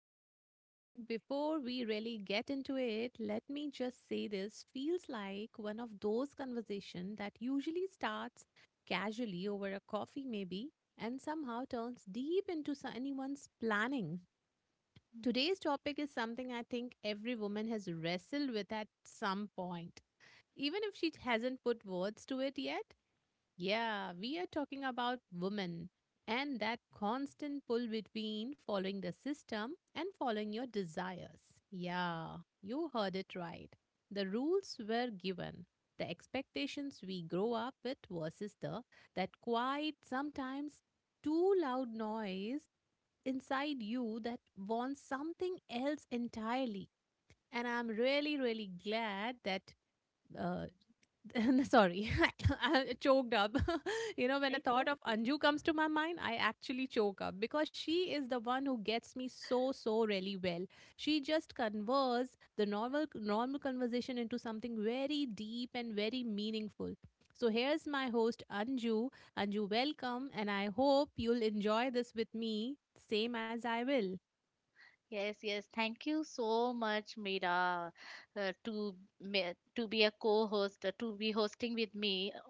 right, all right. Before we really get into it, let me just say this feels like one of those conversations that usually starts casually over a coffee maybe and somehow turns deep into anyone's planning. Today's topic is something I think every woman has wrestled with at some point, even if she hasn't put words to it yet. Yeah, we are talking about women and that constant pull between following the system and following your desires. Yeah, you heard it right. The rules were given. The expectations we grow up with versus the that quiet, sometimes too loud noise inside you that wants something else entirely. And I'm really, really glad that uh, sorry I choked up you know when a It's thought of okay. Anju comes to my mind, I actually choke up because she is the one who gets me so really well. She just converts the normal conversation into something very deep and very meaningful. So here's my host, Anju. Anju, welcome, and I hope you'll enjoy this with me, same as I will. Yes, yes. Thank you so much, Mira, to to be a co-host, to be hosting with me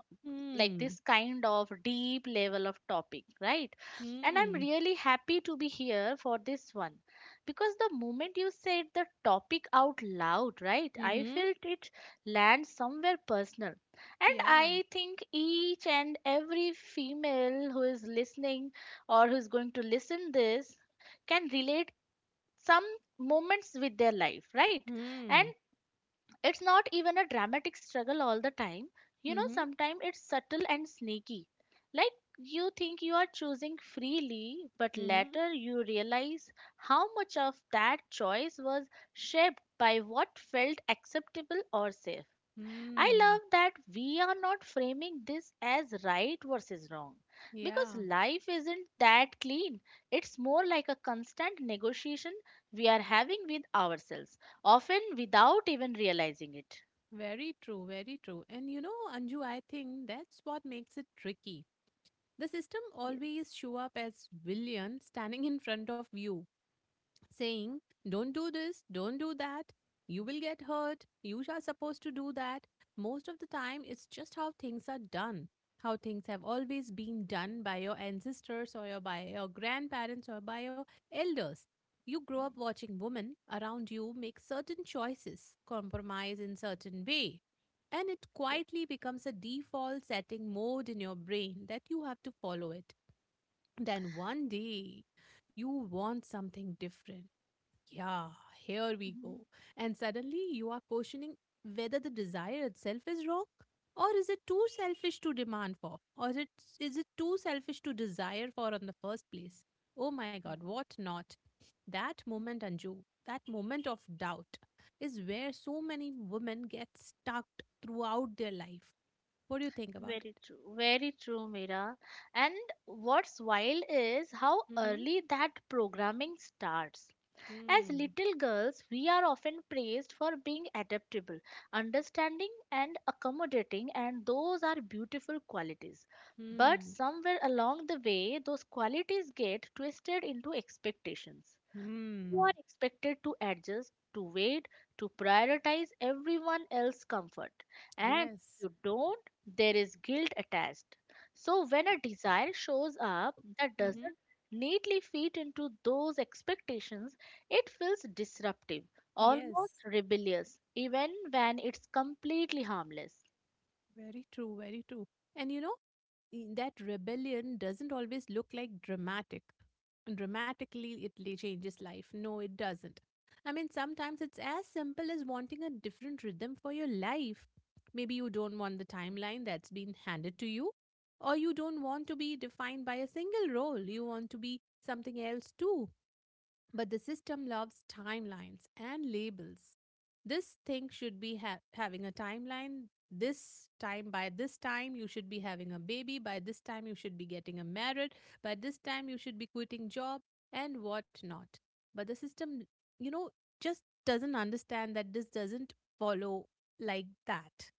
like Hmm. this kind of deep level of topic, right? And I'm Hmm. really happy to be here for this one because the moment you said the topic out loud, right, I Mhm. felt it land somewhere personal. And Yeah. I think each and every female who is listening or who's going to listen this can relate some moments with their life, right? And Hmm. it's not even a dramatic struggle all the time. Mhm. Sometimes it's subtle and sneaky. Like, you think you are choosing freely, but Mhm. later you realize how much of that choice was shaped by what felt acceptable or safe. I Hmm. love that we are not framing this as right versus wrong, because Yeah, life isn't that clean. It's more like a constant negotiation we are having with ourselves, often without even realizing it. very true, very true. And you know, Anju, I think that's what makes it tricky. The system Yes, always show up as villain standing in front of you, saying, don't do this, don't do that, you will get hurt, you are supposed to do that. Most of the time, it's just how things are done, how things have always been done by your ancestors or by your grandparents or by your elders. You grow up watching women around you make certain choices, compromise in certain way, and it yes. quietly becomes a default setting mode in your brain that you have to follow it. Then one day you want something different. Yeah, here we Mhm. go. And suddenly you are questioning whether the desire itself is wrong or is it too selfish to demand for, or is it too selfish to desire for in the first place? Oh my God, Mm. what not? That moment, Anju, that moment of doubt is where so many women get stuck throughout their life. What do you think about Very it? true. Very true, Mira. And what's wild is how Mm-hmm. early that programming starts. As Hmm. little girls, we are often praised for being adaptable, understanding, and accommodating, and those are beautiful qualities. But Hmm. somewhere along the way, those qualities get twisted into expectations. Hmm. You are expected to adjust, to wait, to prioritize everyone else's comfort. And if Yes. you don't, there is guilt attached. So when a desire shows up that Mm-hmm. doesn't neatly fit into those expectations, it feels disruptive, almost Yes. rebellious, even when it's completely harmless. Very true, very true. And you know, that rebellion doesn't always look like dramatic. Dramatically, it changes life. No, it doesn't. I mean, sometimes it's as simple as wanting a different rhythm for your life. Maybe you don't want the timeline that's been handed to you, or you don't want to be defined by a single role. You want to be something else too. But the system loves timelines and labels. This thing should be having a timeline. By this time, you should be having a baby. By this time, you should be getting a married. By this time, you should be quitting job and whatnot. But the system, you know, just doesn't understand that this doesn't follow like that.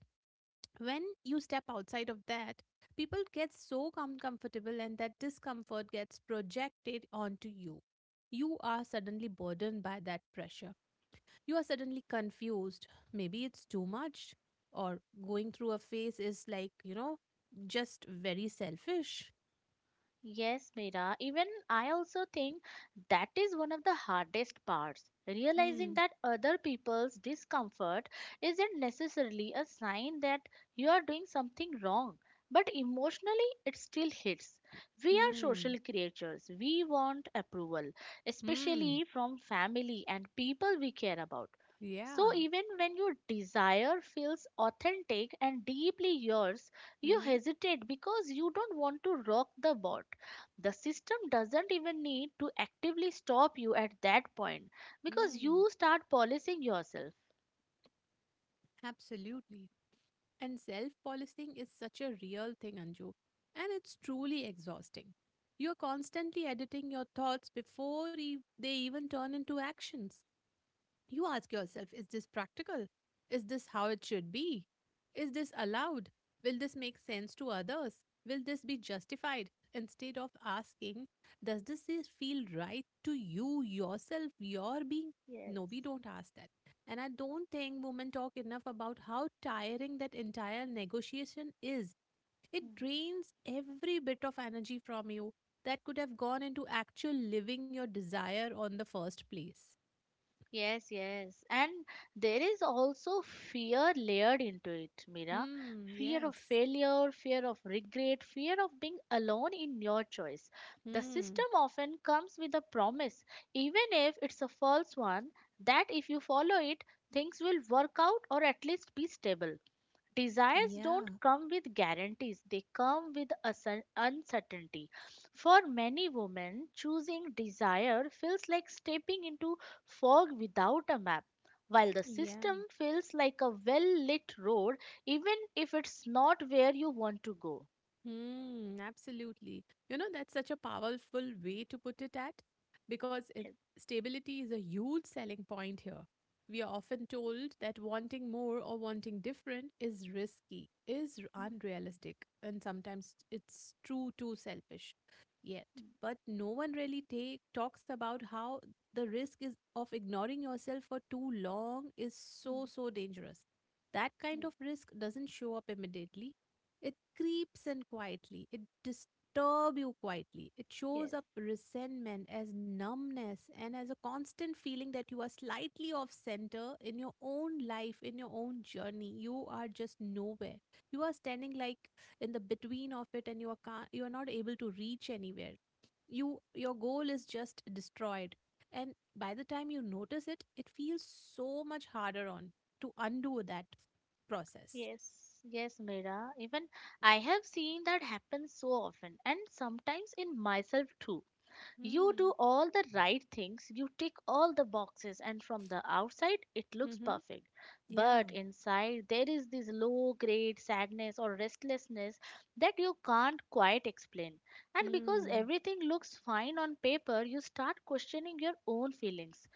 When you step outside of that, people get so comfortable, and that discomfort gets projected onto You are suddenly burdened by that pressure. You are suddenly confused. Maybe it's too much, or going through a phase is, like, just very selfish. Yes, Meera. Even I also think that is one of the hardest parts. Realizing Hmm. that other people's discomfort isn't necessarily a sign that you are doing something wrong, but emotionally it still hits. We are Hmm. social creatures. We want approval, Hmm. especially from family and people we care about. Yeah. So, even when your desire feels authentic and deeply yours, you Hmm. hesitate because you don't want to rock the boat. The system doesn't even need to actively stop you at that point because Hmm. you start policing yourself. Absolutely. And self policing is such a real thing, Anju, and it's truly exhausting. You're constantly editing your thoughts before they even turn into actions. You ask yourself, is this practical? Is this how it should be? Is this allowed? Will this make sense to others? Will this be justified? Instead of asking, does this is feel right to you, yourself, your being? Yes. No, we don't ask that. And I don't think women talk enough about how tiring that entire negotiation is. It Hmm. drains every bit of energy from you that could have gone into actual living your desire on the first place. Yes, yes. And there is also fear layered into it, Mira. Hmm, Fear of yes. failure, fear of regret, fear of being alone in your choice. The Hmm. system often comes with a promise, even if it's a false one, that if you follow it, things will work out or at least be stable. Desires don't Yeah. come with guarantees, they come with uncertainty. For many women, choosing desire feels like stepping into fog without a map, while the system Yeah. feels like a well lit road, even if it's not where you want to go. Hmm, absolutely. You know, that's such a powerful way to put it at because it, Yes. stability is a huge selling point here. We are often told that wanting more or wanting different is risky, Mm, unrealistic, and sometimes it's true too selfish. Yet, but no one really talks about how the risk is of ignoring yourself for too long is so mm, so dangerous. That kind mm, of risk doesn't show up immediately. It creeps in quietly. It disturbs you quietly. It shows yes. up resentment as numbness and as a constant feeling that you are slightly off center in your own life, in your own journey. You are just nowhere. You are standing like in the between of it, and you are not able to reach anywhere. Your goal is just destroyed. And by the time you notice it, it feels so much harder on to undo that process. Yes, yes, yes, Mira. Even I have seen that happen so often, and sometimes in myself too. You Hmm. do all the right things, you tick all the boxes, and from the outside it looks Mm-hmm. perfect. Yeah. But inside there is this low grade sadness or restlessness that you can't quite explain. And because Mm, everything looks fine on paper, you start questioning your own feelings.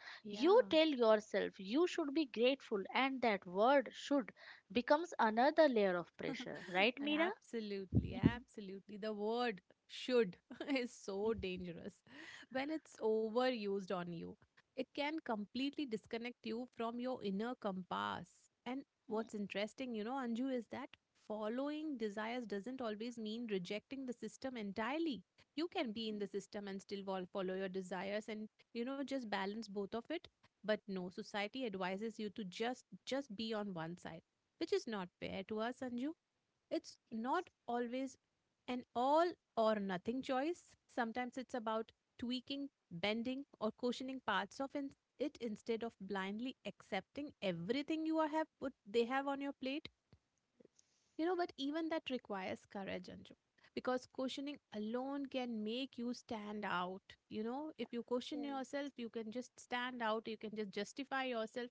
You yeah. tell yourself you should be grateful, and that word, should, becomes another layer of pressure, right, Mira? Absolutely, absolutely. The word should is so dangerous. When it's overused on you, it can completely disconnect you from your inner compass. And what's interesting, you know, Anju, is that following desires doesn't always mean rejecting the system entirely. You can be in the system and still follow your desires and, you know, just balance both of it. But no, society advises you to just be on one side, which is not fair to us, Anju. It's not always an all or nothing choice. Sometimes it's about tweaking, bending, or cushioning parts of it instead of blindly accepting everything you are have put they have on your plate. You know, but even that requires courage, Anju, because cushioning alone can make you stand out. You know, if you cushion Yes. yourself, you can just stand out. You can just justify yourself.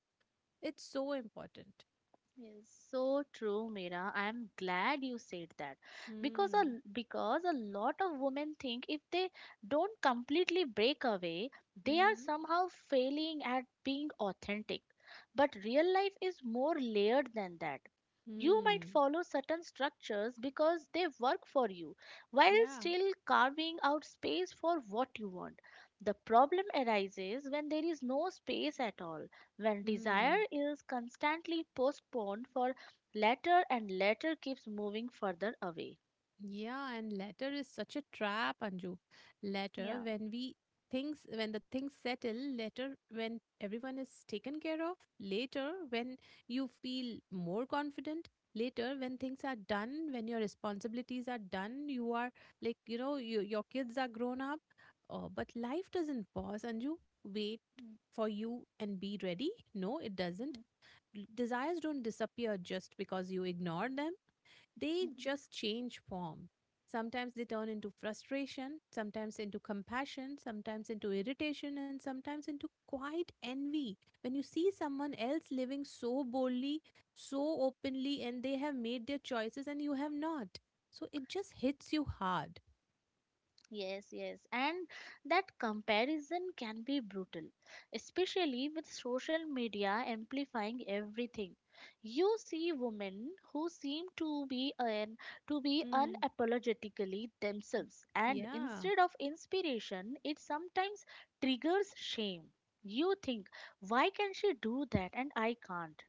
It's so important. Yes, so true, Mira. I am glad you said that because Hmm. a because a lot of women think if they don't completely break away, they are Hmm. somehow failing at being authentic. But real life is more layered than that. You might Hmm. follow certain structures because they work for you, while Yeah. still carving out space for what you want. The problem arises when there is no space at all, when desire Hmm. is constantly postponed for later, and later keeps moving further away. Yeah, and letter is such a trap, Anju. Letter Yeah. when we things when the things settle, later when everyone is taken care of, later when you feel more confident, later when things are done, when your responsibilities are done, you are like, your kids are grown up. Oh, but life doesn't pause, Anju. Wait Mm, for you and be ready. No, it doesn't. mm, Desires don't disappear just because you ignore them. They mm. just change form. Sometimes they turn into frustration, sometimes into compassion, sometimes into irritation, and sometimes into quiet envy. When you see someone else living so boldly, so openly, and they have made their choices and you have not. So it just hits you hard. Yes, yes, and that comparison can be brutal, especially with social media amplifying everything. You see women who seem to be Mm. unapologetically themselves, and Yeah, instead of inspiration, it sometimes triggers shame. You think, why can she do that and I can't?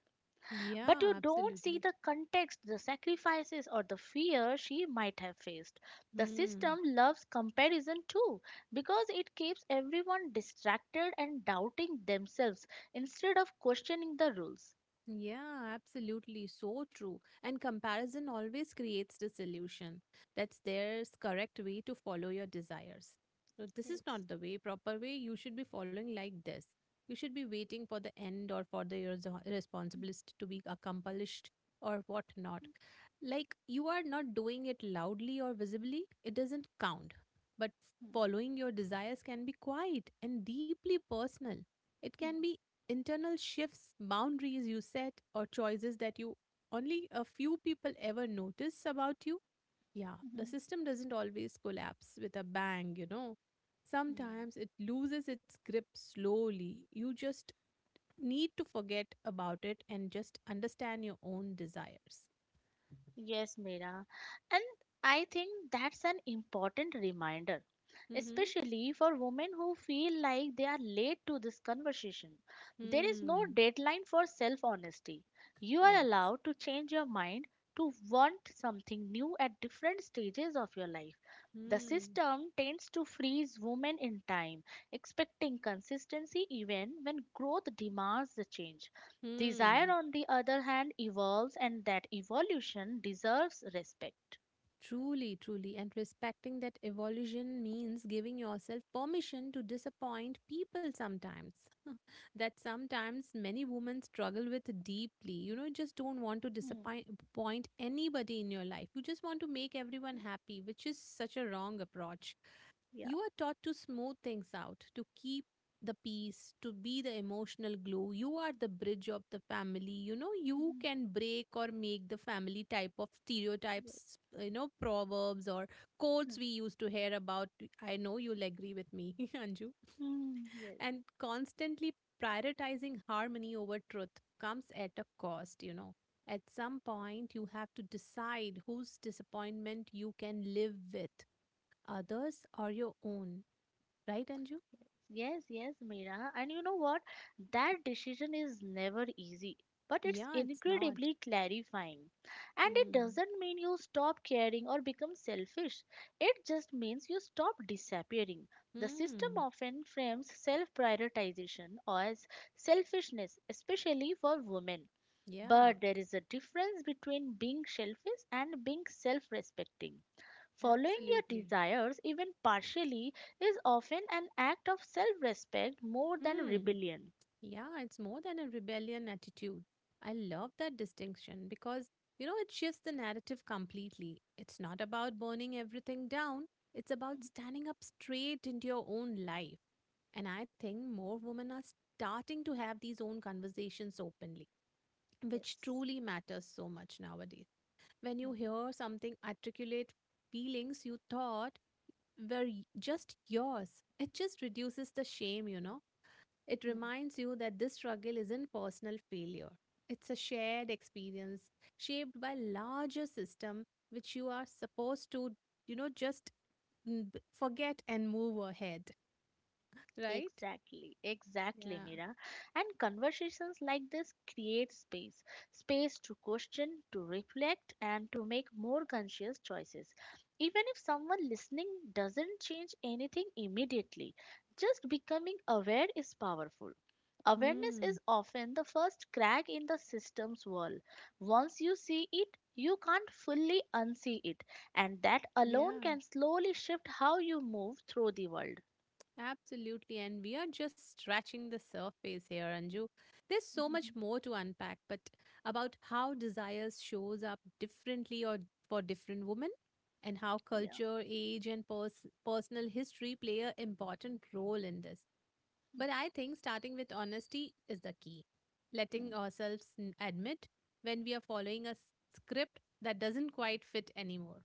But yeah, you don't see absolutely. the context, the sacrifices, or the fear she might have faced. The Hmm. system loves comparison too, because it keeps everyone distracted and doubting themselves instead of questioning the rules. Yeah, absolutely. So true. And comparison always creates disillusion. That's their correct way to follow your desires. So this is Yes. not the way, proper way. You should be following like this. You should be waiting for the end or for the your responsibility to be accomplished or whatnot. Like you are not doing it loudly or visibly, it doesn't count. But following your desires can be quiet and deeply personal. It can be internal shifts, boundaries you set, or choices that you only a few people ever notice about you. Yeah, the system doesn't always collapse with a bang, you know. Sometimes it loses its grip slowly. You just need to forget about it and just understand your own desires. Yes, Mira. And I think that's an important reminder, Mm-hmm. especially for women who feel like they are late to this conversation. There is no Hmm. deadline for self honesty. You are Yes. allowed to change your mind, to want something new at different stages of your life. The Hmm. system tends to freeze women in time, expecting consistency even when growth demands the change. Desire, Hmm. on the other hand, evolves, and that evolution deserves respect. Truly, truly. And respecting that evolution means giving yourself permission to disappoint people sometimes. That sometimes many women struggle with deeply. You know, you just don't want to Hmm. disappoint anybody in your life. You just want to make everyone Hmm. happy, which is such a wrong approach. Yeah. You are taught to smooth things out, to keep the peace, to be the emotional glue. You are the bridge of the family. You know, you Mhm. can break or make the family type of Yes. stereotypes, proverbs or Hmm. quotes we used to hear about. I know you'll agree with me, Anju. Hmm. Yes. And constantly prioritizing harmony over truth comes at a cost. At some point, you have to decide whose disappointment you can live with, others or your own. Right, Anju? Yes, yes, Meera. And you know what? That decision is never easy, but it's Yeah, it's not. incredibly clarifying. And it Hmm. doesn't mean you stop caring or become selfish. It just means you stop disappearing. The system Hmm. often frames self prioritization as selfishness, especially for women. Yeah, But there is a difference between being selfish and being self respecting. Following your absolutely. desires, even partially, is often an act of self respect more than Hmm. rebellion. Yeah, it's more than a rebellion attitude. I love that distinction because, it shifts the narrative completely. It's not about burning everything down, it's about standing up straight into your own life. And I think more women are starting to have these own conversations openly, which Yes. truly matters so much nowadays. When you Mm, hear something articulate feelings you thought, were just yours. It just reduces the shame. It mm. reminds you that this struggle isn't personal failure. It's a shared experience shaped by larger system which you are supposed to, just forget and move ahead, right? Exactly, exactly, Yeah. Mira. And conversations like this create space, space to question, to reflect, and to make more conscious choices. Even if someone listening doesn't change anything immediately, just becoming aware is powerful. Awareness Hmm. is often the first crack in the system's wall. Once you see it, you can't fully unsee it, and that alone Yeah. can slowly shift how you move through the world. Absolutely. And we are just scratching the surface here, Anju. There's so much more to unpack, but about how desires shows up differently or for different women, and how Yeah. culture, age, and personal history play an important role in this. But I think starting with honesty is the key. Mm. Letting ourselves admit when we are following a script that doesn't quite fit anymore.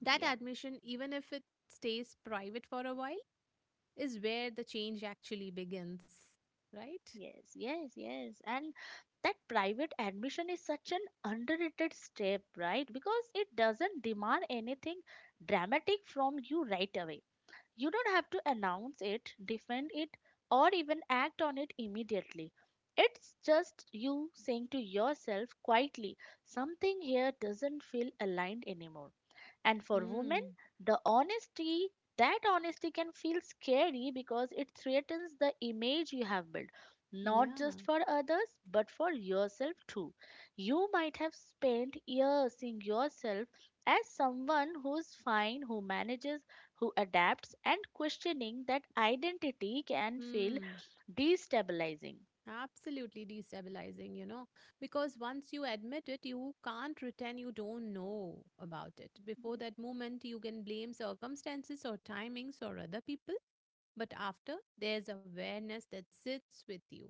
That Yeah, admission, even if it stays private for a while, is where the change actually begins, right? yes, yes, yes. And that private admission is such an underrated step, right? Because it doesn't demand anything dramatic from you right away. You don't have to announce it, defend it, or even act on it immediately. It's just you saying to yourself quietly, something here doesn't feel aligned anymore. And for women, Mm, the honesty, that honesty can feel scary because it threatens the image you have built, not Yeah. just for others, but for yourself too. You might have spent years seeing yourself as someone who's fine, who manages, who adapts, and questioning that identity can feel Hmm. destabilizing. Absolutely destabilizing, you know, because once you admit it, you can't pretend you don't know about it. Before that moment, you can blame circumstances or timings or other people. But after, there's awareness that sits with you.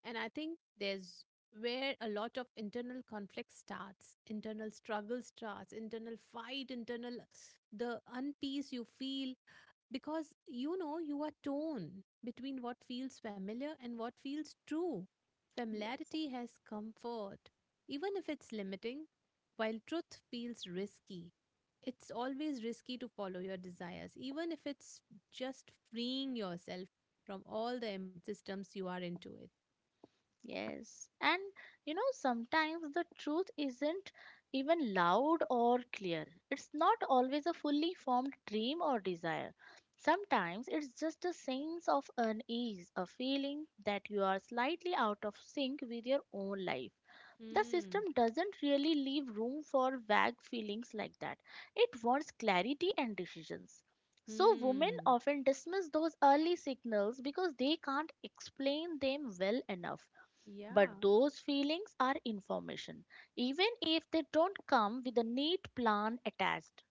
And I think there's where a lot of internal conflict starts, internal struggle starts, internal fight, internal the unpeace you feel because you know you are torn between what feels familiar and what feels true. Yes. Familiarity has comfort, even if it's limiting, while truth feels risky. It's always risky to follow your desires, even if it's just freeing yourself from all the systems you are into it. Yes. And you know, sometimes the truth isn't even loud or clear. It's not always a fully formed dream or desire. Sometimes it's just a sense of unease, a feeling that you are slightly out of sync with your own life. The system Hmm. doesn't really leave room for vague feelings like that. It wants clarity and decisions. So, women Hmm. often dismiss those early signals because they can't explain them well enough, Yeah, but those feelings are information, even if they don't come with a neat plan attached.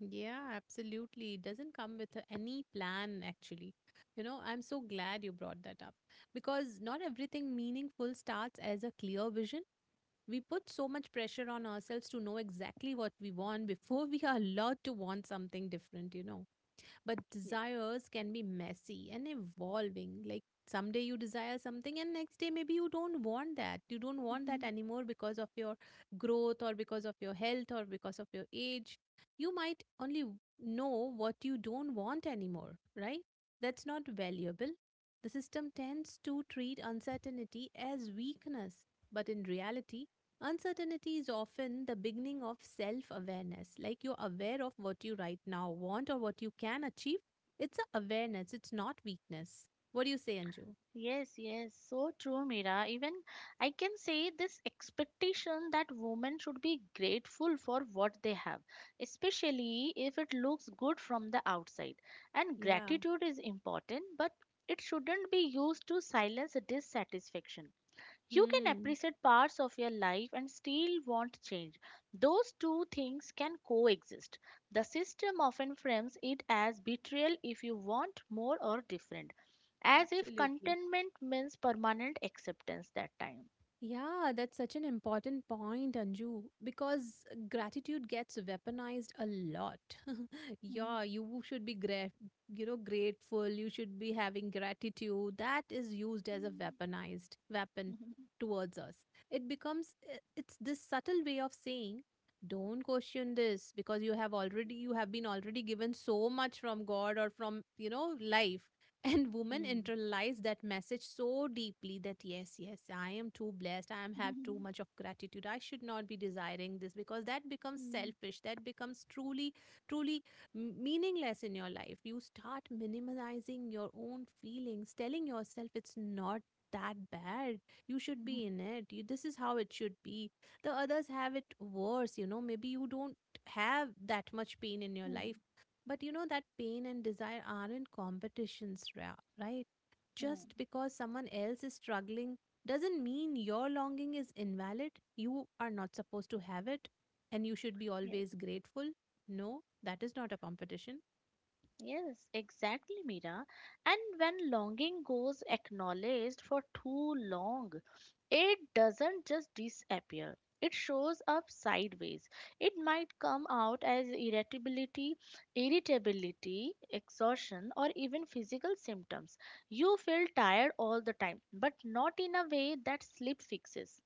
yeah, absolutely. It doesn't come with any plan, actually. You know, I'm so glad you brought that up because not everything meaningful starts as a clear vision. We put so much pressure on ourselves to know exactly what we want before we are allowed to want something different, you know. But Yes. desires can be messy and evolving. Like someday you desire something, and next day maybe you don't want that. You don't want that Mhm. anymore because of your growth, or because of your health, or because of your age. You might only know what you don't want anymore, right? That's not valuable. The system tends to treat uncertainty as weakness, but in reality, uncertainty is often the beginning of self awareness. Like you're aware of what you right now want or what you can achieve. It's a awareness, it's not weakness. What do you say, Anju? Yes, yes, so true, Mira. Even I can say this expectation that women should be grateful for what they have, especially if it looks good from the outside. And Yeah. gratitude is important, but it shouldn't be used to silence dissatisfaction. You can Hmm. appreciate parts of your life and still want change. Those two things can coexist. The system often frames it as betrayal if you want more or different, as if Absolutely. contentment means permanent acceptance that time. Yeah, that's such an important point, Anju, because gratitude gets weaponized a lot. Yeah, you should be grat, you know, grateful. You should be having gratitude. That is used as a weaponized weapon towards us. It becomes it's this subtle way of saying, don't question this because you have been already given so much from God or from, you know, life. And women Hmm. internalize that message so deeply that yes, yes, I am too blessed. I am Hmm. Hmm. have Hmm. too Hmm. much of gratitude. I should not be desiring this because that becomes selfish. That becomes truly, truly meaningless in your life. You start minimizing your own feelings, telling yourself it's not that bad. You should Hmm. be in it. You, this is how it should be. The others have it worse. You know, maybe you don't have that much pain in your Hmm. Hmm. life but you know that pain and desire aren't competitions, right? Just Hmm. because someone else is struggling doesn't mean your longing is invalid. You are not supposed to have it and you should be Yes. always grateful. No, that is not a competition. Yes, exactly, Mira. And when longing goes acknowledged for too long, it doesn't just disappear. It shows up sideways. It might come out as irritability, exhaustion, or even physical symptoms. You feel tired all the time, but not in a way that sleep fixes.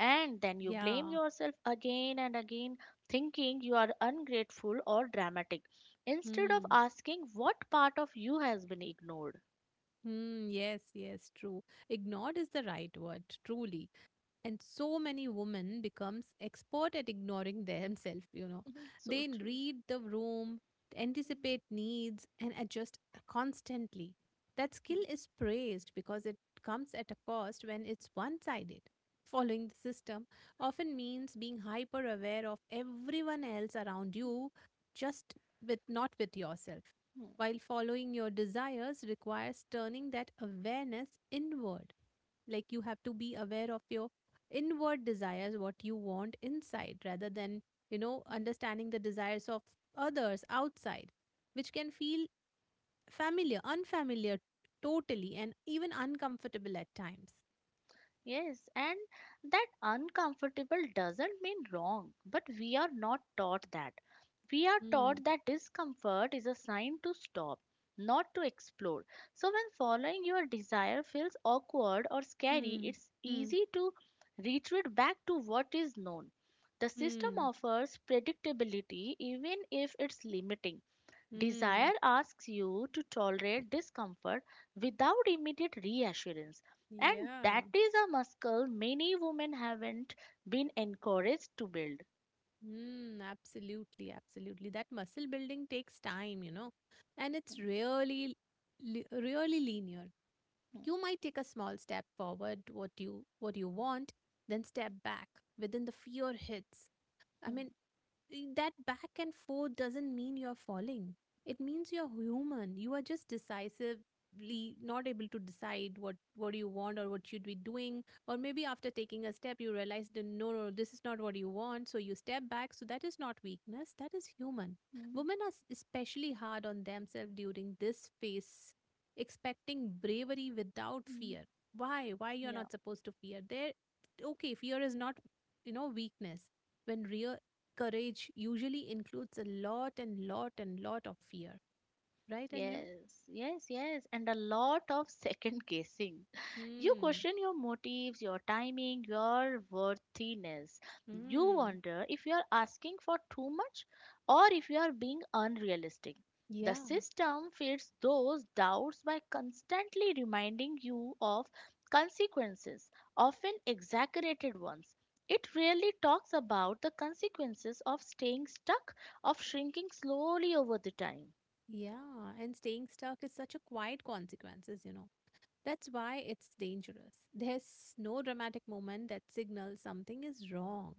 And then you blame Yeah. yourself again and again, thinking you are ungrateful or dramatic, instead of Hmm. asking what part of you has been ignored. Hmm. Yes, yes, true. Ignored is the right word, truly. And so many women becomes expert at ignoring themselves, you know, Mhm, they so true. read the room, anticipate needs and adjust constantly. That Hmm, skill is praised because it comes at a cost when it's one sided. Following the system often means being hyper aware of everyone else around you, just with, not with yourself, while following your desires requires turning that awareness inward. Like you have to be aware of your inward desires, what you want inside, rather than, you know, hmm. understanding the desires of others outside, which can feel familiar, unfamiliar totally, and even uncomfortable at times. Yes, and that uncomfortable doesn't mean wrong, but we are not taught that. We are Hmm. taught that discomfort is a sign to stop, not to explore. So, when following your desire feels awkward or scary, Hmm. it's Hmm. easy to retreat back to what is known. The system Hmm. offers predictability even if it's limiting. Desire Hmm. asks you to tolerate discomfort without immediate reassurance, and Yeah. that is a muscle many women haven't been encouraged to build. Hmm. Absolutely. Absolutely. That muscle building takes time, you know, and it's Mm, really, really linear. You might take a small step forward what you want, then step back within the fear hits. I mm, mean, that back and forth doesn't mean you're falling. It means you're human. You are just decisively not able to decide what you want or what should be doing. Or maybe after taking a step, you realize that no, no, this is not what you want. So you step back. So that is not weakness. That is human. mm, Women are especially hard on themselves during this phase, expecting bravery without mm, mm. fear. Why? Why you're Yeah. not supposed to fear? There, okay, fear is not, you know, weakness when real courage usually includes a lot and lot and lot of fear, right, Anju? Yes, yes, yes, and a lot of second guessing. You Hmm. question your motives, your timing, your worthiness. You Hmm. wonder if you are asking for too much or if you are being unrealistic. The Yeah. system feeds those doubts by constantly reminding you of consequences, often exaggerated ones. It rarely talks about the consequences of staying stuck, of shrinking slowly over the time. Yeah. And staying stuck is such a quiet consequences, you know. That's why it's dangerous. There's no dramatic moment that signals something is wrong.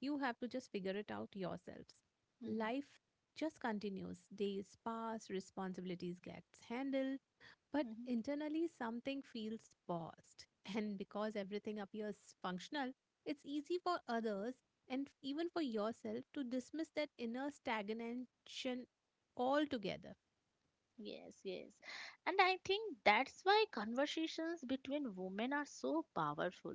You have to just figure it out yourselves. Mm, Life just continues. Days pass, responsibilities gets handled, but mhm. internally, something feels paused. And because everything appears functional, it's easy for others and even for yourself to dismiss that inner stagnation altogether. Yes, yes. And I think that's why conversations between women are so powerful.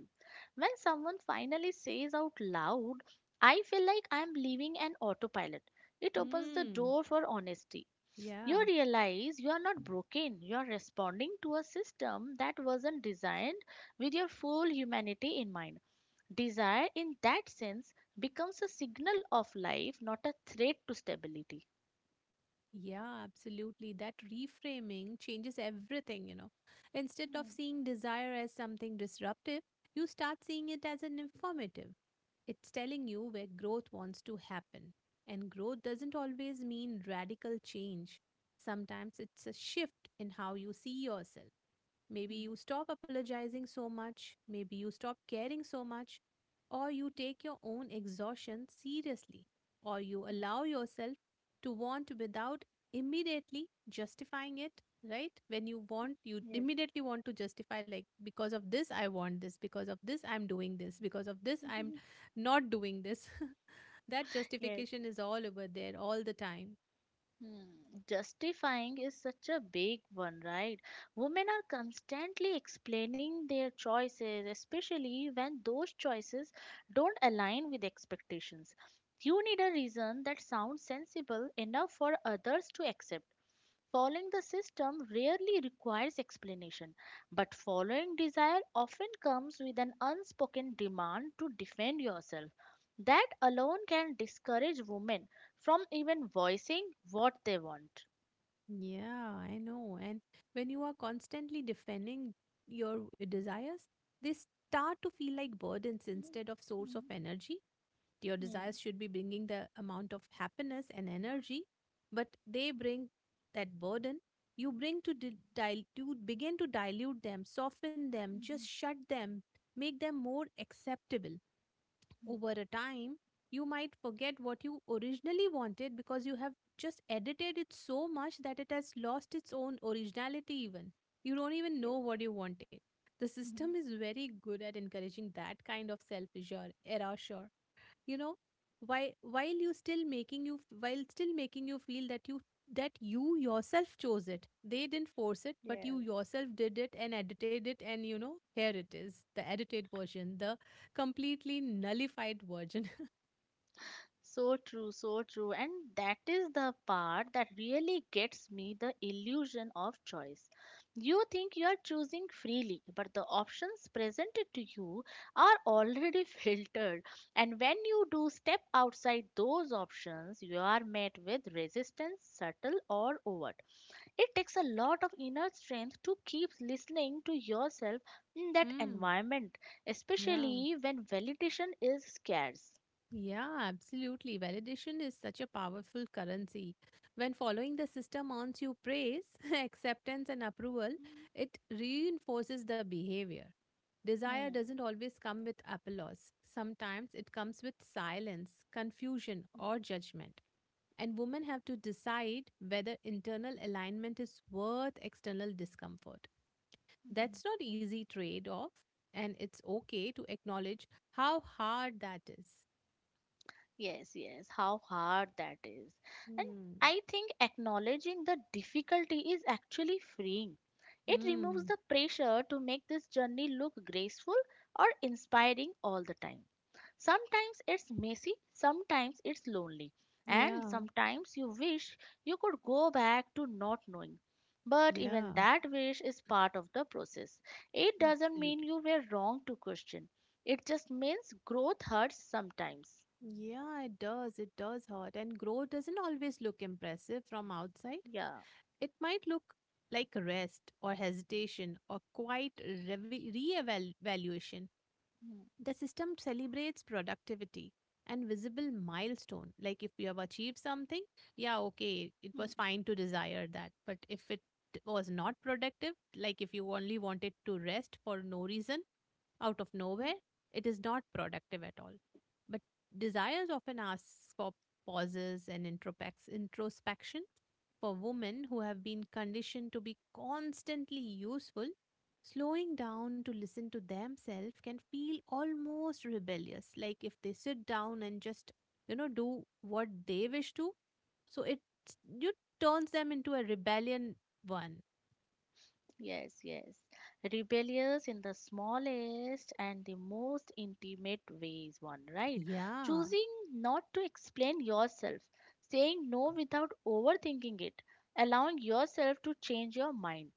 When someone finally says out loud, I feel like I'm leaving an autopilot, it opens the Hmm, door for honesty. yeah. You realize you are not broken, you are responding to a system that wasn't designed with your full humanity in mind. Desire, in that sense, becomes a signal of life, not a threat to stability. Yeah, absolutely. That reframing changes everything, you know. Instead Hmm, of seeing desire as something disruptive, you start seeing it as an informative. It's telling you where growth wants to happen. And growth doesn't always mean radical change. Sometimes it's a shift in how you see yourself. Maybe hmm, you stop apologizing so much, maybe you stop caring so much, or you take your own exhaustion seriously, or you allow yourself to want without immediately justifying it, right? When you want, you hmm. Yes. immediately want to justify, like because of this I want this, because of this I'm doing this, because of this I'm not doing this. That Yes. justification is all over there all the time. Hmm. Justifying is such a big one, right? Women are constantly explaining their choices, especially when those choices don't align with expectations. You need a reason that sounds sensible enough for others to accept. Following the system rarely requires explanation, but following desire often comes with an unspoken demand to defend yourself. That alone can discourage women from even voicing what they want. Yeah, I know. And when you are constantly defending your desires, they start to feel like burdens Mhm, instead of source of mhm, energy. Your desires should be bringing the amount of happiness and energy, but they bring that burden. You bring to dilute, begin to dilute them, soften them, mhm, just mhm, shut them, make them more acceptable. mhm, Over a time, you might forget what you originally wanted because you have just edited it so much that it has lost its own originality, even. You don't even yes. know what you wanted. The system Mhm. is very good at encouraging that kind of self erasure, you know, while you still making you while still making you feel that you yourself chose it. They didn't force it, but you Yes. yourself did it and edited it, and you know, here it is, the edited version, the completely nullified version. So true, so true. And that is the part that really gets me the illusion of choice. You think you are choosing freely, but the options presented to you are already filtered. And when you do step outside those options, you are met with resistance, subtle or overt. It takes a lot of inner strength to keep listening to yourself in that mm, environment, yeah especially when validation is scarce. Yeah, absolutely. Validation is such a powerful currency. When following the system earns you praise, acceptance, and approval, it reinforces the behavior. Desire Hmm. doesn't always come with applause, sometimes it comes with silence, confusion, or judgment. And women have to decide whether internal alignment is worth external discomfort. Mhm. That's not easy trade off, and it's okay to acknowledge how hard that is. Yes, yes, how hard that is. And Hmm. I think acknowledging the difficulty is actually freeing. It removes Mm, the pressure to make this journey look graceful or inspiring all the time. Sometimes it's messy, sometimes it's lonely, and yeah, sometimes you wish you could go back to not knowing. But even yeah. that wish is part of the process. It doesn't Absolutely. mean you were wrong to question. It just means growth hurts sometimes. Yeah, it does. It does hurt. And growth doesn't always look impressive from outside. Yeah. It might look like rest or hesitation or quite re reevaluation. Mm, The system celebrates productivity and visible milestone. Like if you have achieved something, yeah, okay, it was mm. fine to desire that. But if it was not productive, like if you only wanted to rest for no reason, out of nowhere, it is not productive at all. But desires often asks for pauses and introspection for women who have been conditioned to be constantly useful. Slowing down to listen to themselves can feel almost rebellious, like if they sit down and just, you know, do what they wish to. So it you turns them into a rebellion one. Yes, yes. Rebellious in the smallest and the most intimate ways, one, right? Yeah. Choosing not to explain yourself, saying no without overthinking it, allowing yourself to change your mind.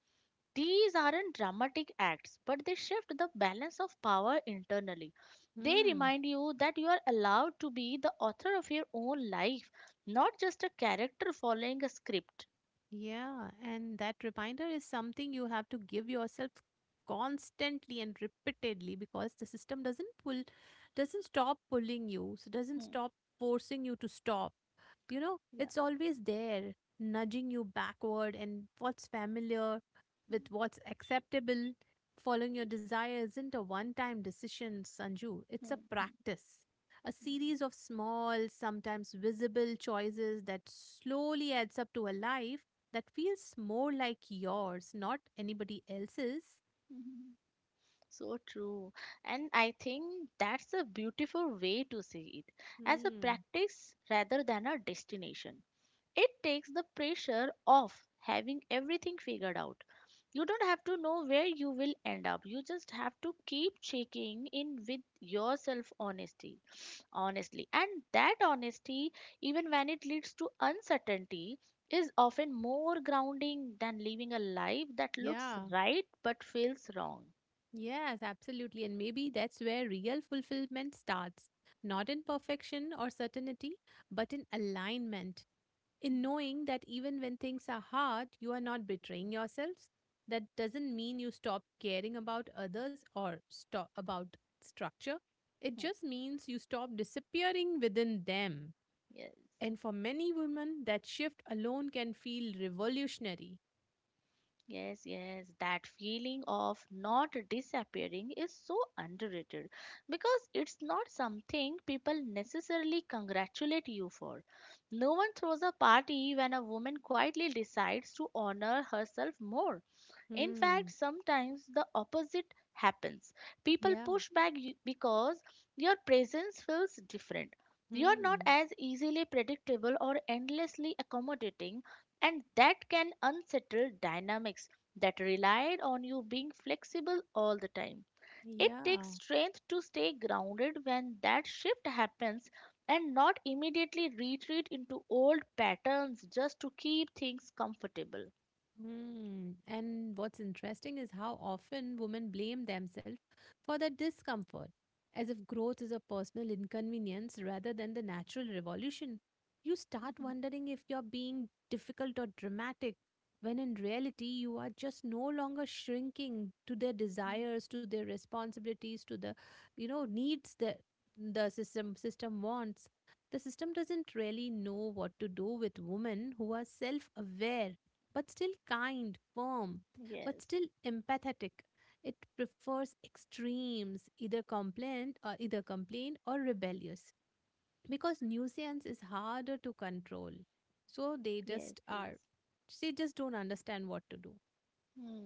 These aren't dramatic acts, but they shift the balance of power internally. They Hmm. remind you that you are allowed to be the author of your own life, not just a character following a script. Yeah, and that reminder is something you have to give yourself constantly and repeatedly because the system doesn't stop pulling you, so doesn't Hmm. stop forcing you to stop. You know, Yeah. it's always there, nudging you backward and what's familiar with Hmm. what's acceptable. Following your desire isn't a one time decision, Sanju. It's a Hmm, hmm, practice, a series of small, sometimes visible choices that slowly adds up to a life that feels more like yours, not anybody else's. hmm, hmm. So true. And I think that's a beautiful way to see it as a Hmm. practice rather than a destination. It takes the pressure off having everything figured out. You don't have to know where you will end up. You just have to keep checking in with yourself honestly. And that honesty, even when it leads to uncertainty, is often more grounding than living a life that looks Yeah. right but feels wrong. Yes, absolutely. And maybe that's where real fulfillment starts. Not in perfection or certainty, but in alignment. In knowing that even when things are hard, you are not betraying yourselves. That doesn't mean you stop caring about others or stop about structure. It Hmm, just means you stop disappearing within them. yes. And for many women, that shift alone can feel revolutionary. Yes, yes, that feeling of not disappearing is so underrated because it's not something people necessarily congratulate you for. No one throws a party when a woman quietly decides to honor herself more. In fact, Hmm. sometimes the opposite happens. People Yeah. push back because your presence feels different. You're not Hmm. as easily predictable or endlessly accommodating, and that can unsettle dynamics that relied on you being flexible all the time. It Yeah. takes strength to stay grounded when that shift happens and not immediately retreat into old patterns just to keep things comfortable. Hmm. And what's interesting is how often women blame themselves for that discomfort, as if growth is a personal inconvenience rather than the natural revolution. You start wondering if you're being difficult or dramatic, when in reality, you are just no longer shrinking to their desires, to their responsibilities, to the, you know, needs that the system wants. The system doesn't really know what to do with women who are self-aware but still kind, firm, but Yes, still empathetic. It prefers extremes, either complaint or rebellious, because nuisance is harder to control. So they yes, just yes. are, they just don't understand what to do. Hmm.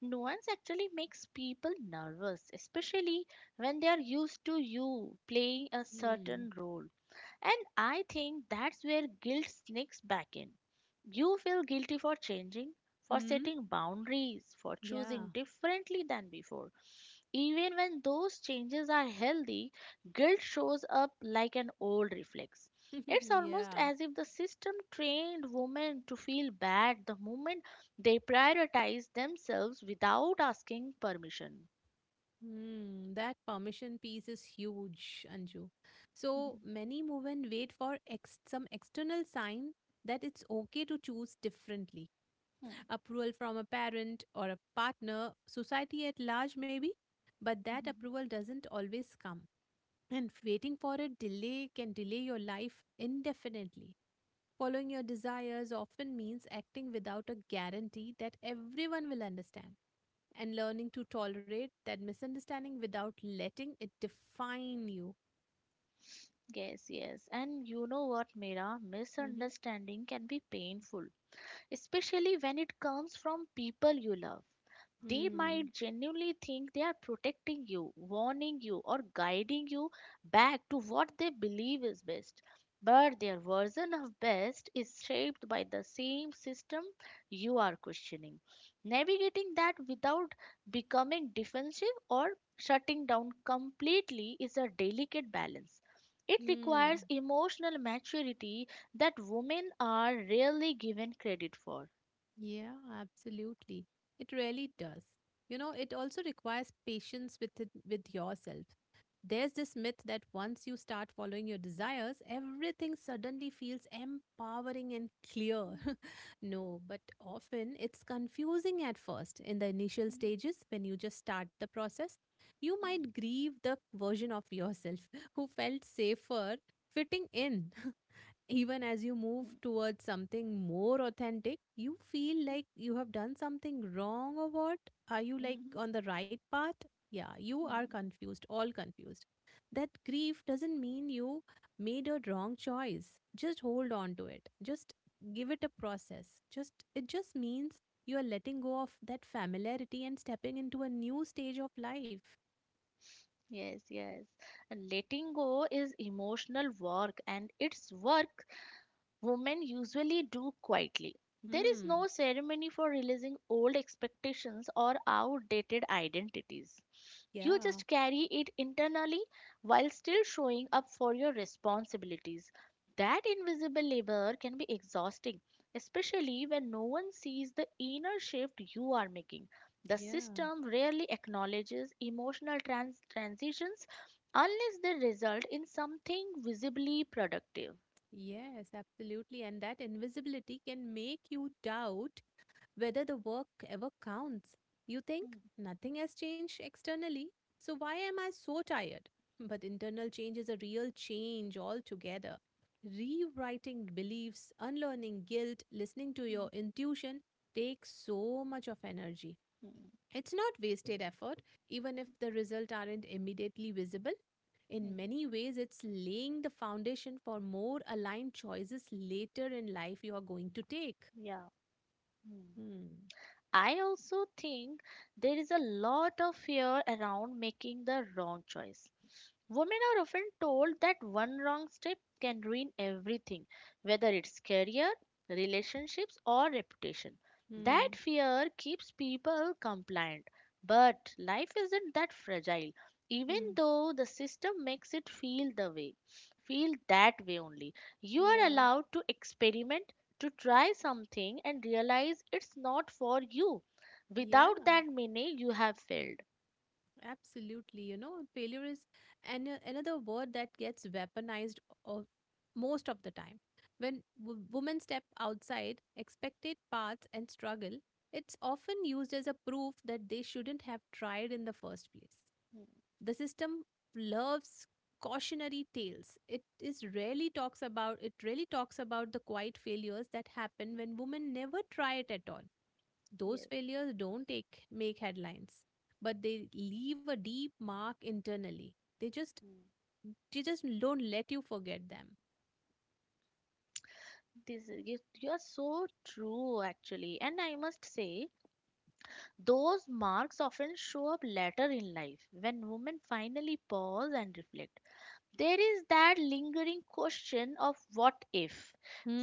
Nuance actually makes people nervous, especially when they are used to you playing a Hmm. certain role. And I think that's where guilt sneaks back in. You feel guilty for changing, for Hmm. setting boundaries, for Yeah. choosing differently than before. Even when those changes are healthy, guilt shows up like an old reflex. It's almost yeah. as if the system trained women to feel bad the moment they prioritize themselves without asking permission. Hmm. That permission piece is huge, Anju. So Mhm. many move and wait for some external sign that it's okay to choose differently, Hmm. approval from a parent or a partner, society at large, maybe. But that Mhm. approval doesn't always come. And waiting for it delay can delay your life indefinitely. Following your desires often means acting without a guarantee that everyone will understand, and learning to tolerate that misunderstanding without letting it define you. Yes, yes. And you know what, Mira? Misunderstanding can be painful, especially when it comes from people you love. They Mm-hmm. might genuinely think they are protecting you, warning you, or guiding you back to what they believe is best. But their version of best is shaped by the same system you are questioning. Navigating that without becoming defensive or shutting down completely is a delicate balance. It Mm-hmm. requires emotional maturity that women are rarely given credit for. Yeah, absolutely. It really does. You know, it also requires patience with it, with yourself. There's this myth that once you start following your desires, everything suddenly feels empowering and clear. No, but often it's confusing at first. In the initial stages, when you just start the process, you might grieve the version of yourself who felt safer fitting in, even as you move towards something more authentic. You feel like you have done something wrong, or what? Are you like on the right path? Yeah, you are Hmm, confused, all confused. That grief doesn't mean you made a wrong choice. Just hold on to it. Just give it a process. Just it just means you are letting go of that familiarity and stepping into a new stage of life. yes, yes. And letting go is emotional work and it's work women usually do quietly. There is Hmm. no ceremony for releasing old expectations or outdated identities. You Yeah. just carry it internally while still showing up for your responsibilities. That invisible labor can be exhausting, especially when no one sees the inner shift you are making. The Yeah. system rarely acknowledges emotional transitions unless they result in something visibly productive. Yes, absolutely. And that invisibility can make you doubt whether the work ever counts. You think Hmm. nothing has changed externally, so why am I so tired? But internal change is a real change altogether. Rewriting beliefs, unlearning guilt, listening to your intuition takes so much of energy. Mm, It's not wasted effort, even if the results aren't immediately visible. In mm, many ways, it's laying the foundation for more aligned choices later in life you are going to take. yeah. Mm. Hmm. I also think there is a lot of fear around making the wrong choice. Women are often told that one wrong step can ruin everything, whether it's career, relationships, or reputation. That Hmm. fear keeps people compliant. But life isn't that fragile, even Hmm. though the system makes it feel the way. Feel that way only. You are Yeah. allowed to experiment, to try something, and realize it's not for you. Without Yeah. that many, you have failed. Absolutely. You know, failure is another word that gets weaponized o- most of the time. When women step outside expected paths and struggle, it's often used as a proof that they shouldn't have tried in the first place. The system loves cautionary tales. It really talks about the quiet failures that happen when women never try it at all. Those Yes. failures don't take make headlines, but they leave a deep mark internally. They just they just don't let you forget them. This is, you're so true, actually. And I must say, those marks often show up later in life when women finally pause and reflect there is that lingering question of what if?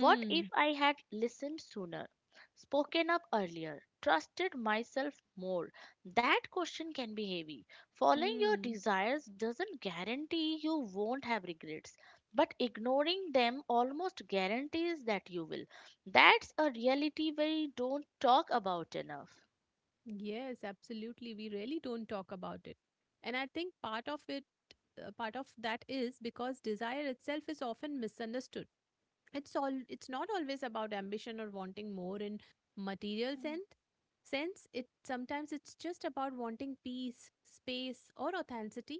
What if I had listened sooner, spoken up earlier, trusted myself more? That question can be heavy. Following your Hmm. desires doesn't guarantee you won't have regrets, but ignoring them almost guarantees that you will. That's a reality we don't talk about enough. Yes, absolutely. We really don't talk about it. And I think part of it, part of that is because desire itself is often misunderstood. It's all it's not always about ambition or wanting more in material Hmm. sense sense it Sometimes it's just about wanting peace, space, or authenticity,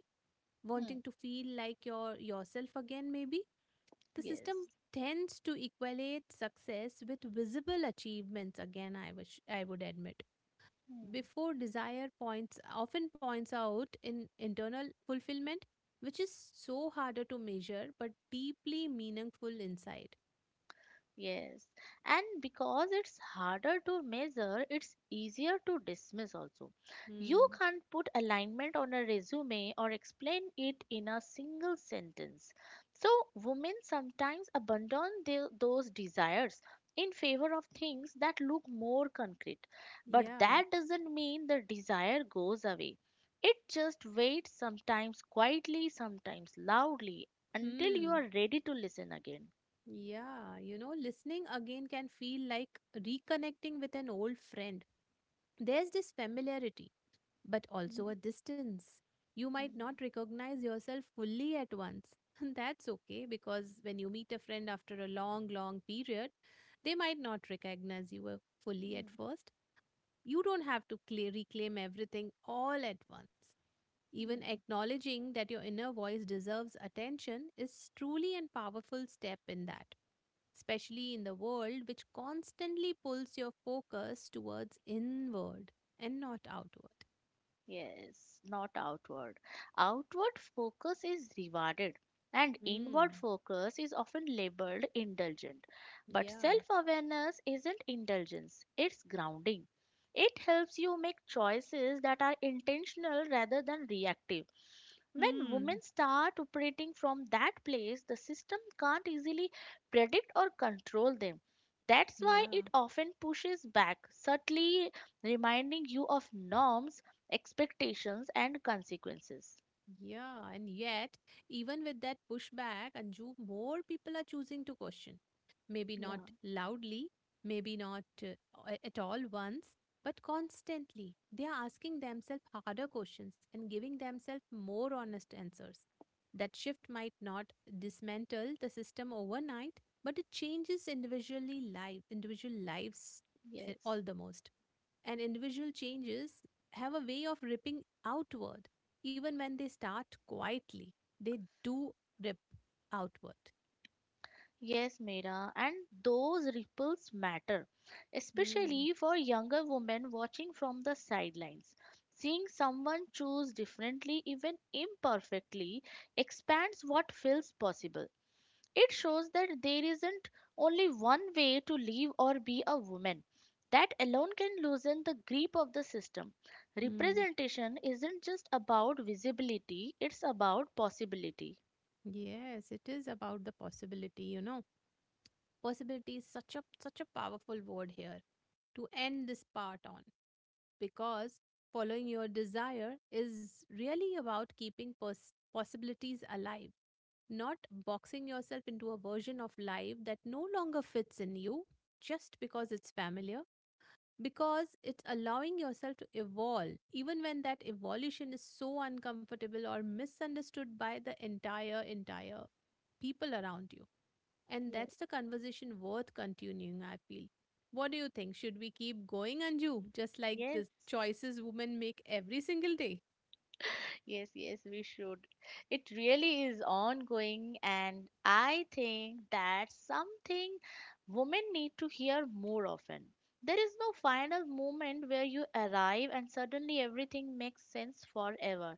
wanting Hmm, to feel like yourself again, maybe. The yes. system tends to equate success with visible achievements. Again, I wish I would admit, Hmm. before, desire points often points out in internal fulfillment, which is so harder to measure but deeply meaningful inside. Yes, and because it's harder to measure, it's easier to dismiss also. You hmm can't put alignment on a resume or explain it in a single sentence. So, women sometimes abandon those desires in favor of things that look more concrete. But Yeah. that doesn't mean the desire goes away. It just waits sometimes quietly, sometimes loudly, until you Hmm. are ready to listen again. Yeah. You know, listening again can feel like reconnecting with an old friend. There's this familiarity, but Mhm. also a distance. You might not recognize yourself fully at once. That's okay, because when you meet a friend after a long, long period, they might not recognize you fully at first. You don't have to reclaim everything all at once. Even Mhm. acknowledging that your inner voice deserves attention is truly a powerful step in that, especially in the world which constantly pulls your focus towards inward and not outward. Yes, not outward. Outward focus is rewarded, and inward Hmm. focus is often labeled indulgent. But Yeah. self awareness isn't indulgence, it's grounding. It helps you make choices that are intentional rather than reactive. When Hmm. women start operating from that place, the system can't easily predict or control them. That's why Yeah. it often pushes back, subtly reminding you of norms, expectations, and consequences. Yeah, and yet, even with that pushback, Anju, more people are choosing to question. Maybe not Yeah, loudly, maybe not at all once, but constantly. They are asking themselves harder questions and giving themselves more honest answers. That shift might not dismantle the system overnight, but it changes individual lives, yes. all the most, and individual changes have a way of ripping outward. Even when they start quietly, they do rip outward. Yes, Meera. And those ripples matter, Hmm. especially for younger women watching from the sidelines. Seeing someone choose differently, even imperfectly, expands what feels possible. It shows that there isn't only one way to live or be a woman. That alone can loosen the grip of the system. Hmm. Representation isn't just about visibility, it's about possibility. Yes, it is about the possibility, you know. Possibility is such a powerful word here to end this part on, because following your desire is really about keeping possibilities alive, not boxing yourself into a version of life that no longer fits in you just because it's familiar, because it's allowing yourself to evolve, even when that evolution is so uncomfortable or misunderstood by the entire people around you. And Yes, that's the conversation worth continuing, I feel. What do you think? Should we keep going, Anju? Just like yes, the choices women make every single day? yes, yes, we should. It really is ongoing, and I think that's something women need to hear more often. There is no final moment where you arrive and suddenly everything makes sense forever.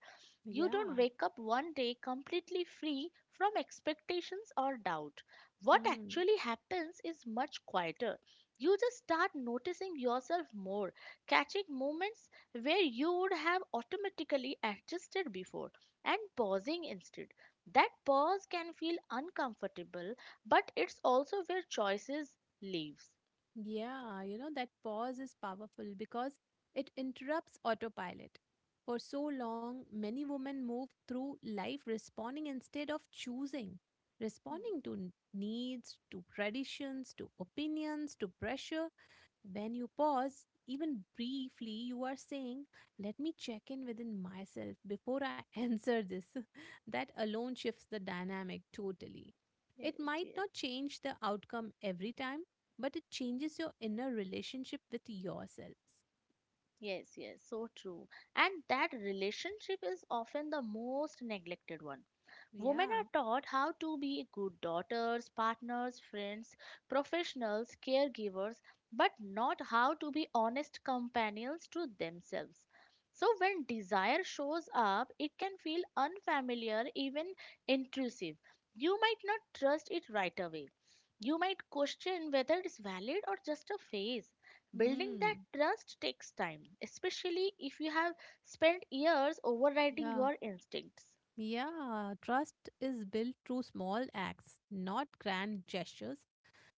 You Yeah. don't wake up one day completely free from expectations or doubt. What actually happens is much quieter. You just start noticing yourself more, catching moments where you would have automatically adjusted before and pausing instead. That pause can feel uncomfortable, but it's also where choices lives. Yeah, you know, that pause is powerful because it interrupts autopilot. For so long, many women move through life responding instead of choosing, responding to needs, to traditions, to opinions, to pressure. When you pause, even briefly, you are saying, "Let me check in within myself before I answer this." That alone shifts the dynamic totally. It Yes, might yes. not change the outcome every time, but it changes your inner relationship with yourself. Yes, yes, so true. And that relationship is often the most neglected one. Women Yeah. are taught how to be good daughters, partners, friends, professionals, caregivers, but not how to be honest companions to themselves. So, when desire shows up, it can feel unfamiliar, even intrusive. You might not trust it right away. You might question whether it's valid or just a phase. Building that Hmm. trust takes time, especially if you have spent years overriding Yeah. your instincts. Yeah. Trust is built through small acts, not grand gestures.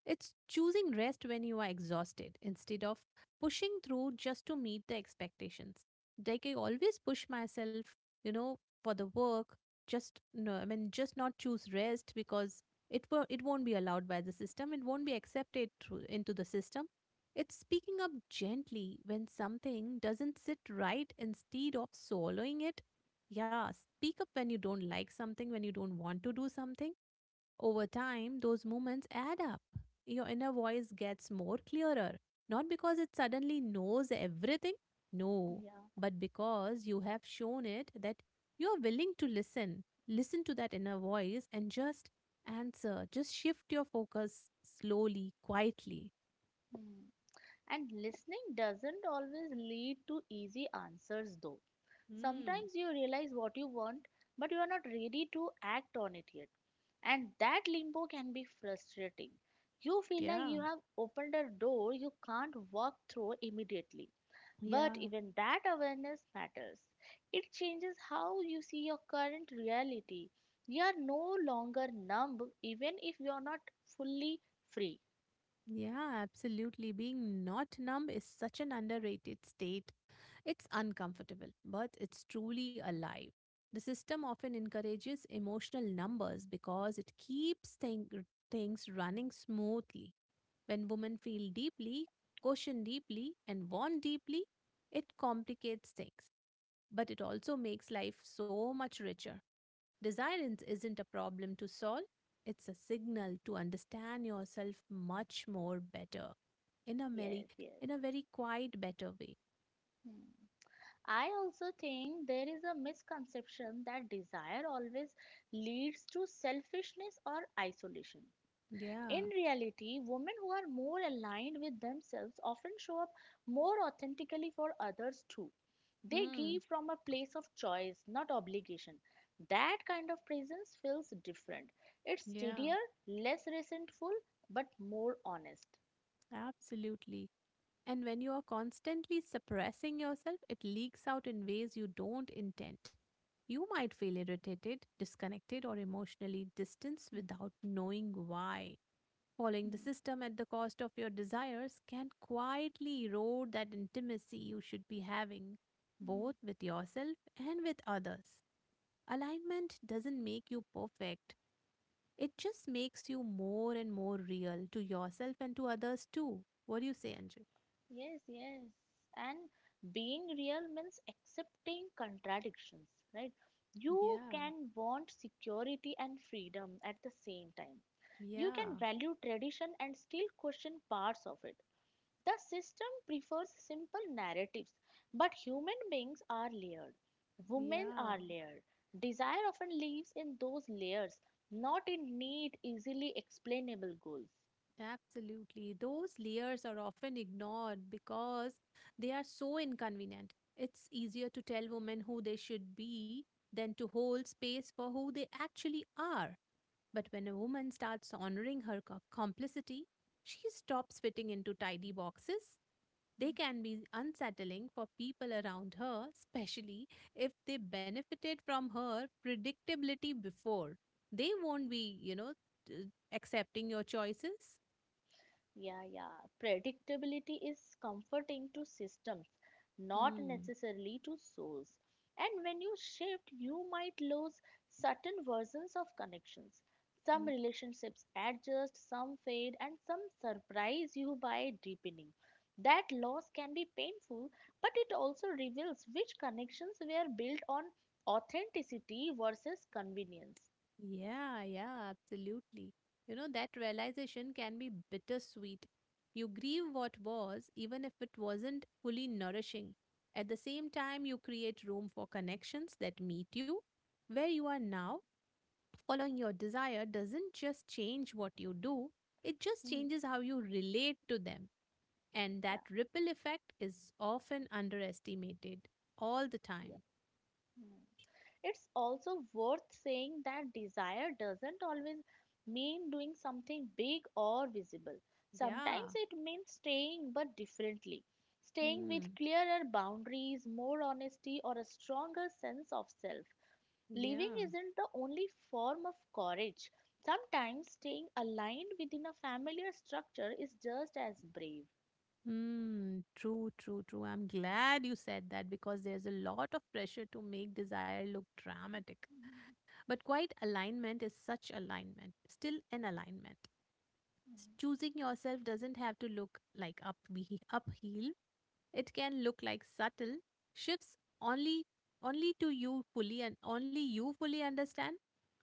It's choosing rest when you are exhausted instead of pushing through just to meet the expectations. Like, I always push myself, you know, for the work. Just no, I mean, just not choose rest because it won't be allowed by the system. It won't be accepted through into the system. It's speaking up gently when something doesn't sit right instead of swallowing it. Yeah, speak up when you don't like something, when you don't want to do something. Over time, those moments add up. Your inner voice gets more clearer, not because it suddenly knows everything, no, Yeah. but because you have shown it that you are willing to listen. Listen to that inner voice and just answer, just shift your focus slowly, quietly. Hmm. And listening doesn't always lead to easy answers, though. Hmm. Sometimes you realize what you want, but you are not ready to act on it yet. And that limbo can be frustrating. You feel like Yeah. you have opened a door you can't walk through immediately. Yeah. But even that awareness matters. It changes how you see your current reality. You are no longer numb, even if you are not fully free. Yeah, absolutely. Being not numb is such an underrated state. It's uncomfortable, but it's truly alive. The system often encourages emotional numbers because it keeps things running smoothly. When women feel deeply, question deeply, and want deeply, it complicates things, but it also makes life so much richer. Desire isn't a problem to solve, it's a signal to understand yourself much more better in a Yes, yes. Very quiet better way. Hmm. I also think there is a misconception that desire always leads to selfishness or isolation. In Yeah. reality, women who are more aligned with themselves often show up more authentically for others too. They give Hmm. from a place of choice, not obligation. That kind of presence feels different. It's Yeah, steadier, less resentful, but more honest. absolutely. And when you are constantly suppressing yourself, it leaks out in ways you don't intend. You might feel irritated, disconnected, or emotionally distanced Hmm. without knowing why. Following the system at the cost of your desires can quietly erode that intimacy you should be having, Hmm. both with yourself and with others. Alignment doesn't make you perfect, it just makes you more and more real to yourself and to others too. What do you say, Anju? Yes, yes. And being real means accepting contradictions, right? You Yeah, can want security and freedom at the same time. You can yeah, value tradition and still question parts of it. The system prefers simple narratives, but human beings are layered. Women yeah. are layered. Desire often lives in those layers, not in neat, easily explainable goals. Absolutely. Those layers are often ignored because they are so inconvenient. It's easier to tell women who they should be than to hold space for who they actually are. But when a woman starts honoring her complicity, she stops fitting into tidy boxes. They can be unsettling for people around her, especially if they benefited from her predictability before. They won't be, you know, accepting your choices. Yeah, yeah. Predictability is comforting to systems, not Mm, necessarily to souls. And when you shift, you might lose certain versions of connections. Some mm. relationships adjust, some fade, and some surprise you by deepening. That loss can be painful, but it also reveals which connections were built on authenticity versus convenience. Yeah, Absolutely. You know, that realization can be bittersweet. You grieve what was, even if it wasn't fully nourishing. At the same time, you create room for connections that meet you where you are now. Following your desire doesn't just change what you do, it just Hmm, changes how you relate to them. And yeah, that ripple effect is often underestimated all the yeah. time. Hmm. It's also worth saying that desire doesn't always mean doing something big or visible. Sometimes Yeah. it means staying but differently. Staying with Mm, clearer boundaries, more honesty, or a stronger sense of self. yeah. Living isn't the only form of courage. Sometimes staying aligned within a familiar structure is just as brave. Hmm. True, true, true. I'm glad you said that because there's a lot of pressure to make desire look dramatic. Mhm, But quite alignment is such alignment, still an alignment. Mhm. Choosing yourself doesn't have to look like up uphill. It can look like subtle shifts only, only to you fully, and only you fully understand.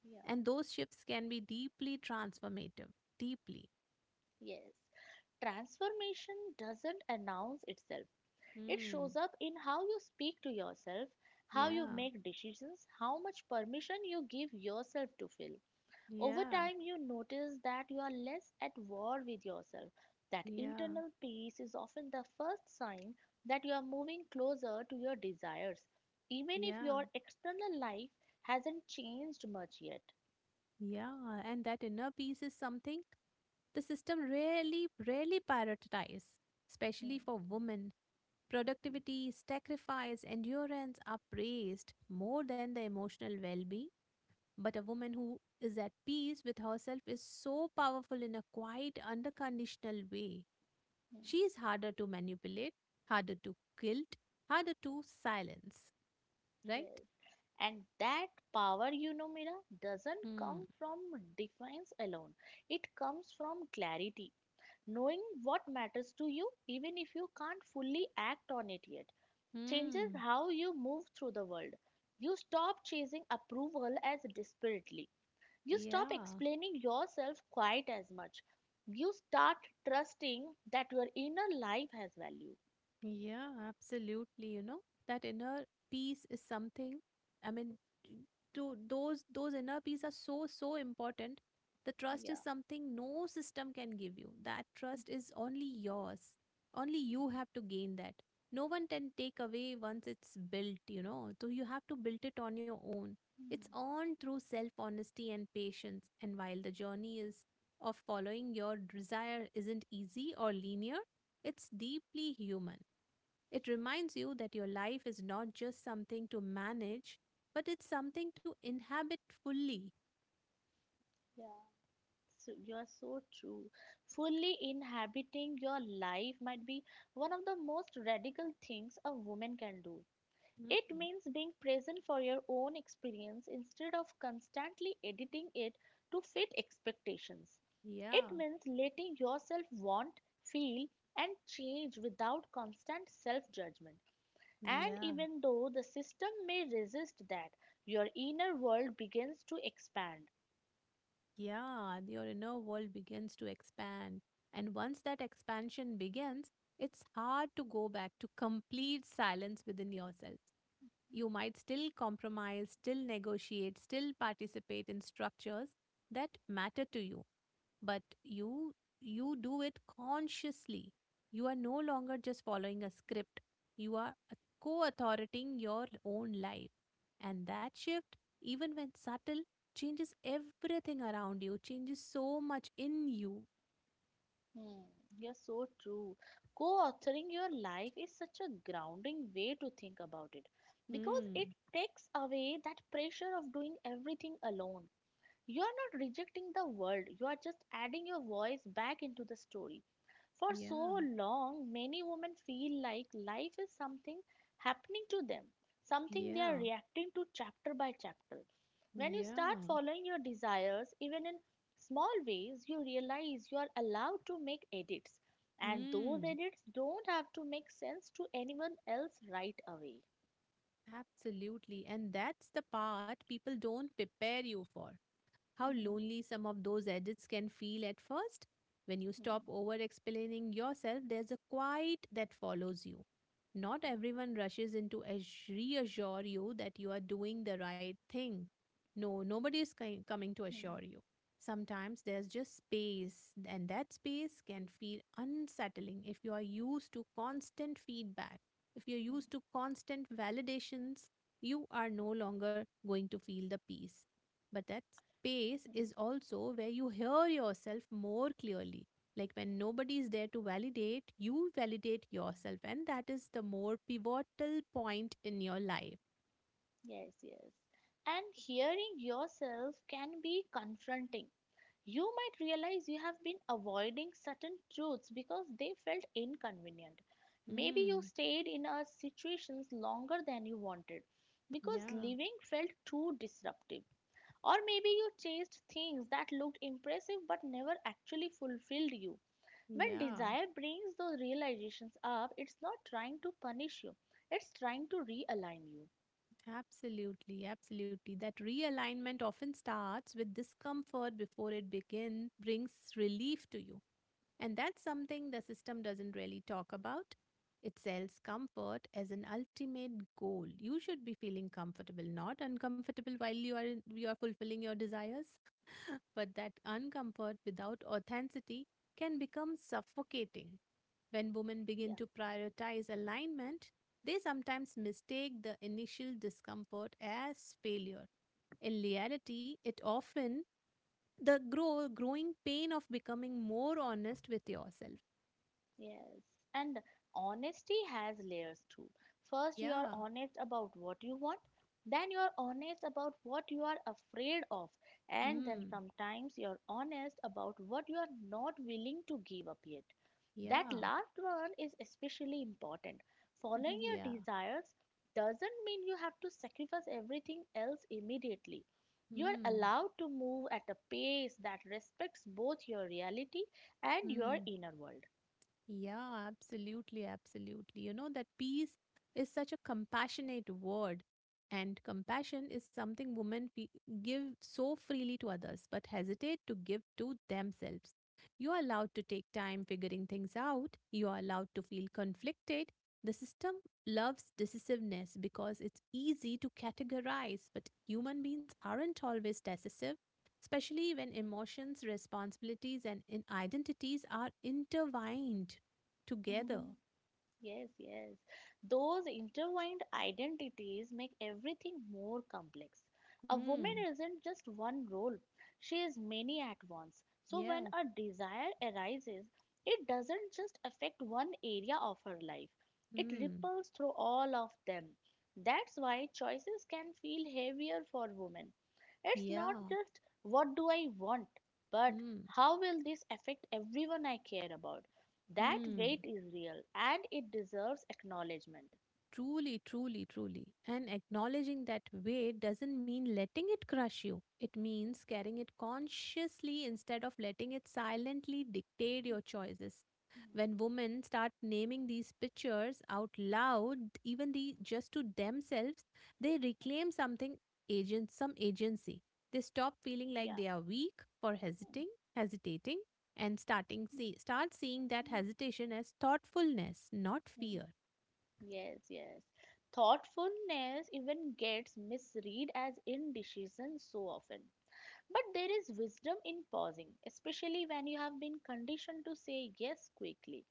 Yeah. And those shifts can be deeply transformative. Deeply. Yes. Transformation doesn't announce itself. It Hmm. shows up in how you speak to yourself, how you Yeah. make decisions, how much permission you give yourself to feel. Over Yeah. time, you notice that you are less at war with yourself. That Yeah. internal peace is often the first sign that you are moving closer to your desires, even if Yeah. your external life hasn't changed much yet. Yeah, and that inner peace is something the system rarely, rarely prioritizes, Hmm, especially for women. Productivity, sacrifice, endurance are praised more than the emotional well being. But a woman who is at peace with herself is so powerful in a quiet, unconditional way. hmm, She is harder to manipulate, harder to guilt, harder to silence. Right? yes. And that power, you know, Mira, doesn't Hmm. come from defiance alone. It comes from clarity. Knowing what matters to you, even if you can't fully act on it yet, changes Hmm. how you move through the world. You stop chasing approval as desperately. You stop Yeah. explaining yourself quite as much. You start trusting that your inner life has value. Yeah, absolutely. You know, that inner peace is something, I mean, to those inner peace are so, so important. The trust is Yeah. something no system can give you. That trust is only yours. Only you have to gain that. No one can take away once it's built, you know. So you have to build it on your own. It's Mhm. earned through self-honesty and patience. And while the journey is of following your desire isn't easy or linear, it's deeply human. It reminds you that your life is not just something to manage, but it's something to inhabit fully. Yeah. So you are so true. Fully inhabiting your life might be one of the most radical things a woman can do. It Mm, means being present for your own experience instead of constantly editing it to fit expectations. It Yeah, means letting yourself want, feel, and change without constant self judgment. And yeah, even though the system may resist that, your inner world begins to expand. yeah. Your inner world begins to expand. And once that expansion begins, it's hard to go back to complete silence within yourself. You might still compromise, still negotiate, still participate in structures that matter to you, but you do it consciously. You are no longer just following a script. You are co-authoring your own life. And that shift, even when subtle, changes everything around you, changes so much in you. Hmm, you're so true. Co authoring your life is such a grounding way to think about it because it Hmm. takes away that pressure of doing everything alone. You are not rejecting the world, you are just adding your voice back into the story. For Yeah. so long, many women feel like life is something happening to them, something they are Yeah. reacting to chapter by chapter. When you start Yeah. following your desires, even in small ways, you realize you are allowed to make edits, and those Hmm. edits don't have to make sense to anyone else right away. Absolutely. And that's the part people don't prepare you for, how lonely some of those edits can feel at first. When you stop over explaining yourself, there's a quiet that follows you. Not everyone rushes into reassure you that you are doing the right thing. No, nobody is coming to assure you. Sometimes there's just space, and that space can feel unsettling if you are used to constant feedback. If you're used to constant validations, you are no longer going to feel the peace. But that space is also where you hear yourself more clearly. Like when nobody is there to validate, you validate yourself. And that is the more pivotal point in your life. Yes, yes. And hearing yourself can be confronting. You might realize you have been avoiding certain truths because they felt inconvenient. Maybe you Hmm. stayed in a situations longer than you wanted because Yeah. living felt too disruptive. Or maybe you chased things that looked impressive but never actually fulfilled you. When Yeah. desire brings those realizations up, it's not trying to punish you, it's trying to realign you. Absolutely, absolutely. That realignment often starts with discomfort before it begin brings relief to you. And that's something the system doesn't really talk about. It sells comfort as an ultimate goal. You should be feeling comfortable, not uncomfortable while you are in, you are fulfilling your desires. But that uncomfort without authenticity can become suffocating. When women begin to prioritize alignment, they sometimes mistake the initial discomfort as failure. In reality, it often the growing pain of becoming more honest with yourself. Yes, and honesty has layers too. First, you are Yeah. honest about what you want, then, you are honest about what you are afraid of, and then Hmm. sometimes you're honest about what you are not willing to give up yet. That Yeah. last one is especially important. Following yeah. your desires doesn't mean you have to sacrifice everything else immediately. You are Hmm. allowed to move at a pace that respects both your reality and your Hmm. inner world. Yeah, absolutely, absolutely. You know, that peace is such a compassionate word, and compassion is something women give so freely to others but hesitate to give to themselves. You are allowed to take time figuring things out, you are allowed to feel conflicted. The system loves decisiveness because it's easy to categorize, but human beings aren't always decisive, especially when emotions, responsibilities, and identities are intertwined together. Yes, yes. Those intertwined identities make everything more complex. A woman Hmm. isn't just one role, she is many at once. So, when Yes. a desire arises, it doesn't just affect one area of her life, it Hmm. ripples through all of them. That's why choices can feel heavier for women. It's not Yeah. just what do I want, but Hmm. how will this affect everyone I care about? That Hmm. weight is real and it deserves acknowledgement. Truly, truly, truly. And acknowledging that weight doesn't mean letting it crush you. It means carrying it consciously instead of letting it silently dictate your choices. Hmm. When women start naming these pictures out loud, even the just to themselves, they reclaim some agency. They stop feeling like Yeah. they are weak for hesitating, and starting see start seeing that hesitation as thoughtfulness, not Mm. fear. Yes, yes. Thoughtfulness even gets misread as indecision so often. But there is wisdom in pausing, especially when you have been conditioned to say yes quickly.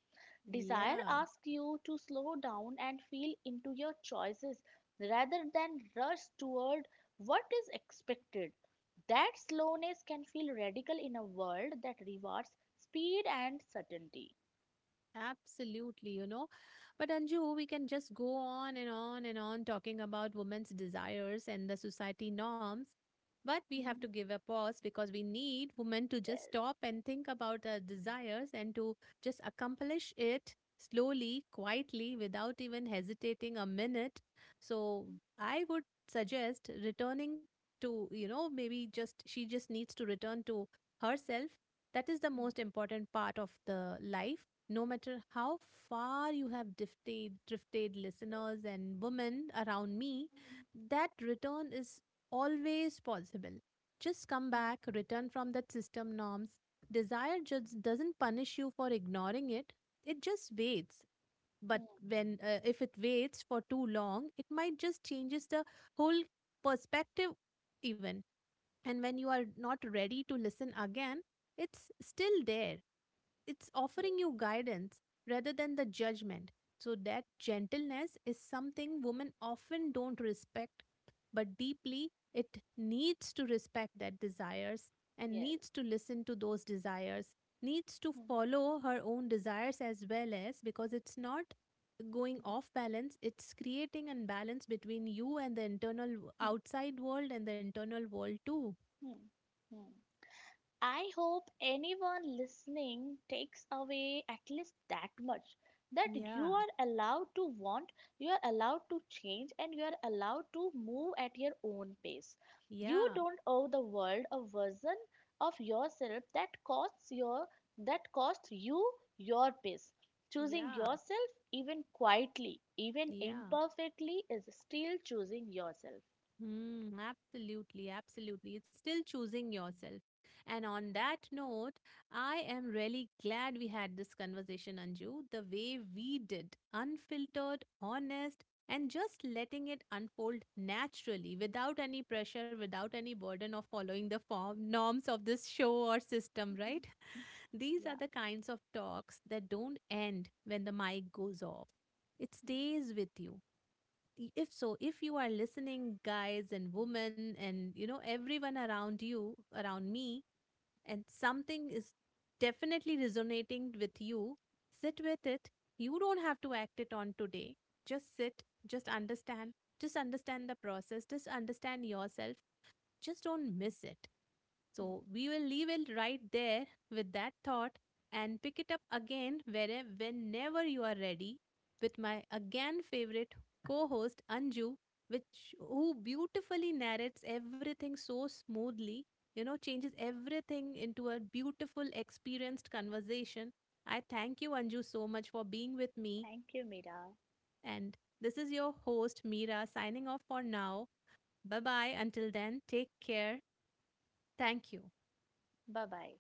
Desire Yeah. asks you to slow down and feel into your choices rather than rush toward what is expected. That slowness can feel radical in a world that rewards speed and certainty. Absolutely, you know. But Anju, we can just go on and on and on talking about women's desires and the society norms. But we have to Mhm. give a pause because we need women to just Yes. stop and think about their desires and to just accomplish it slowly, quietly, without even hesitating a minute. So I would suggest returning to, you know, maybe just she just needs to return to herself. That is the Yeah. most important part of the life, no matter how far you have drifted listeners and women around me, Hmm. that return is always possible. Just come back, return from that system norms. Desire just doesn't punish you for ignoring it, it just waits. But when if it waits for too long, it might just changes the whole perspective even. And when you are not ready to listen again, it's still there, it's Yes. offering you guidance rather than the judgment. So that gentleness is something women often don't respect, but deeply it needs to respect that desires and needs Yes. to listen to those desires, needs to Hmm. follow her own desires as well, as because it's not going off balance, it's creating imbalance between you and the internal Hmm. outside world and the internal world too. Hmm. Hmm. I hope anyone listening takes away at least that much that you Yeah, are allowed to want, you are allowed to change, and you are allowed to move at your own pace. You yeah, don't owe the world a version of yourself that costs you your pace. Choosing yeah, yourself even quietly, even yeah. imperfectly is still choosing yourself. Hmm, absolutely, absolutely. It's still choosing yourself. And on that note, I am really glad we had this conversation, Anju, the way we did, unfiltered, honest, and just letting it unfold naturally without any pressure, without any burden of following the form, norms of this show or system, right? These are Yeah. the kinds of talks that don't end when the mic goes off. It stays with you. If so, if you are listening guys and women, and you know everyone around you around me, and something is definitely resonating with you, sit with it, you don't have to act it on today, just sit, just understand, just understand the process, just understand yourself, just don't miss it. So Hmm. we will leave it right there with that thought and pick it up again where, whenever you are ready, with my again favorite co-host Anju, which who beautifully narrates everything so smoothly, you know, changes everything into a beautiful experienced conversation. I thank you Anju so much for being with me, Thank you, Mira. and this is your host Meera signing off for now. Bye bye, until then take care. Thank you. Bye bye.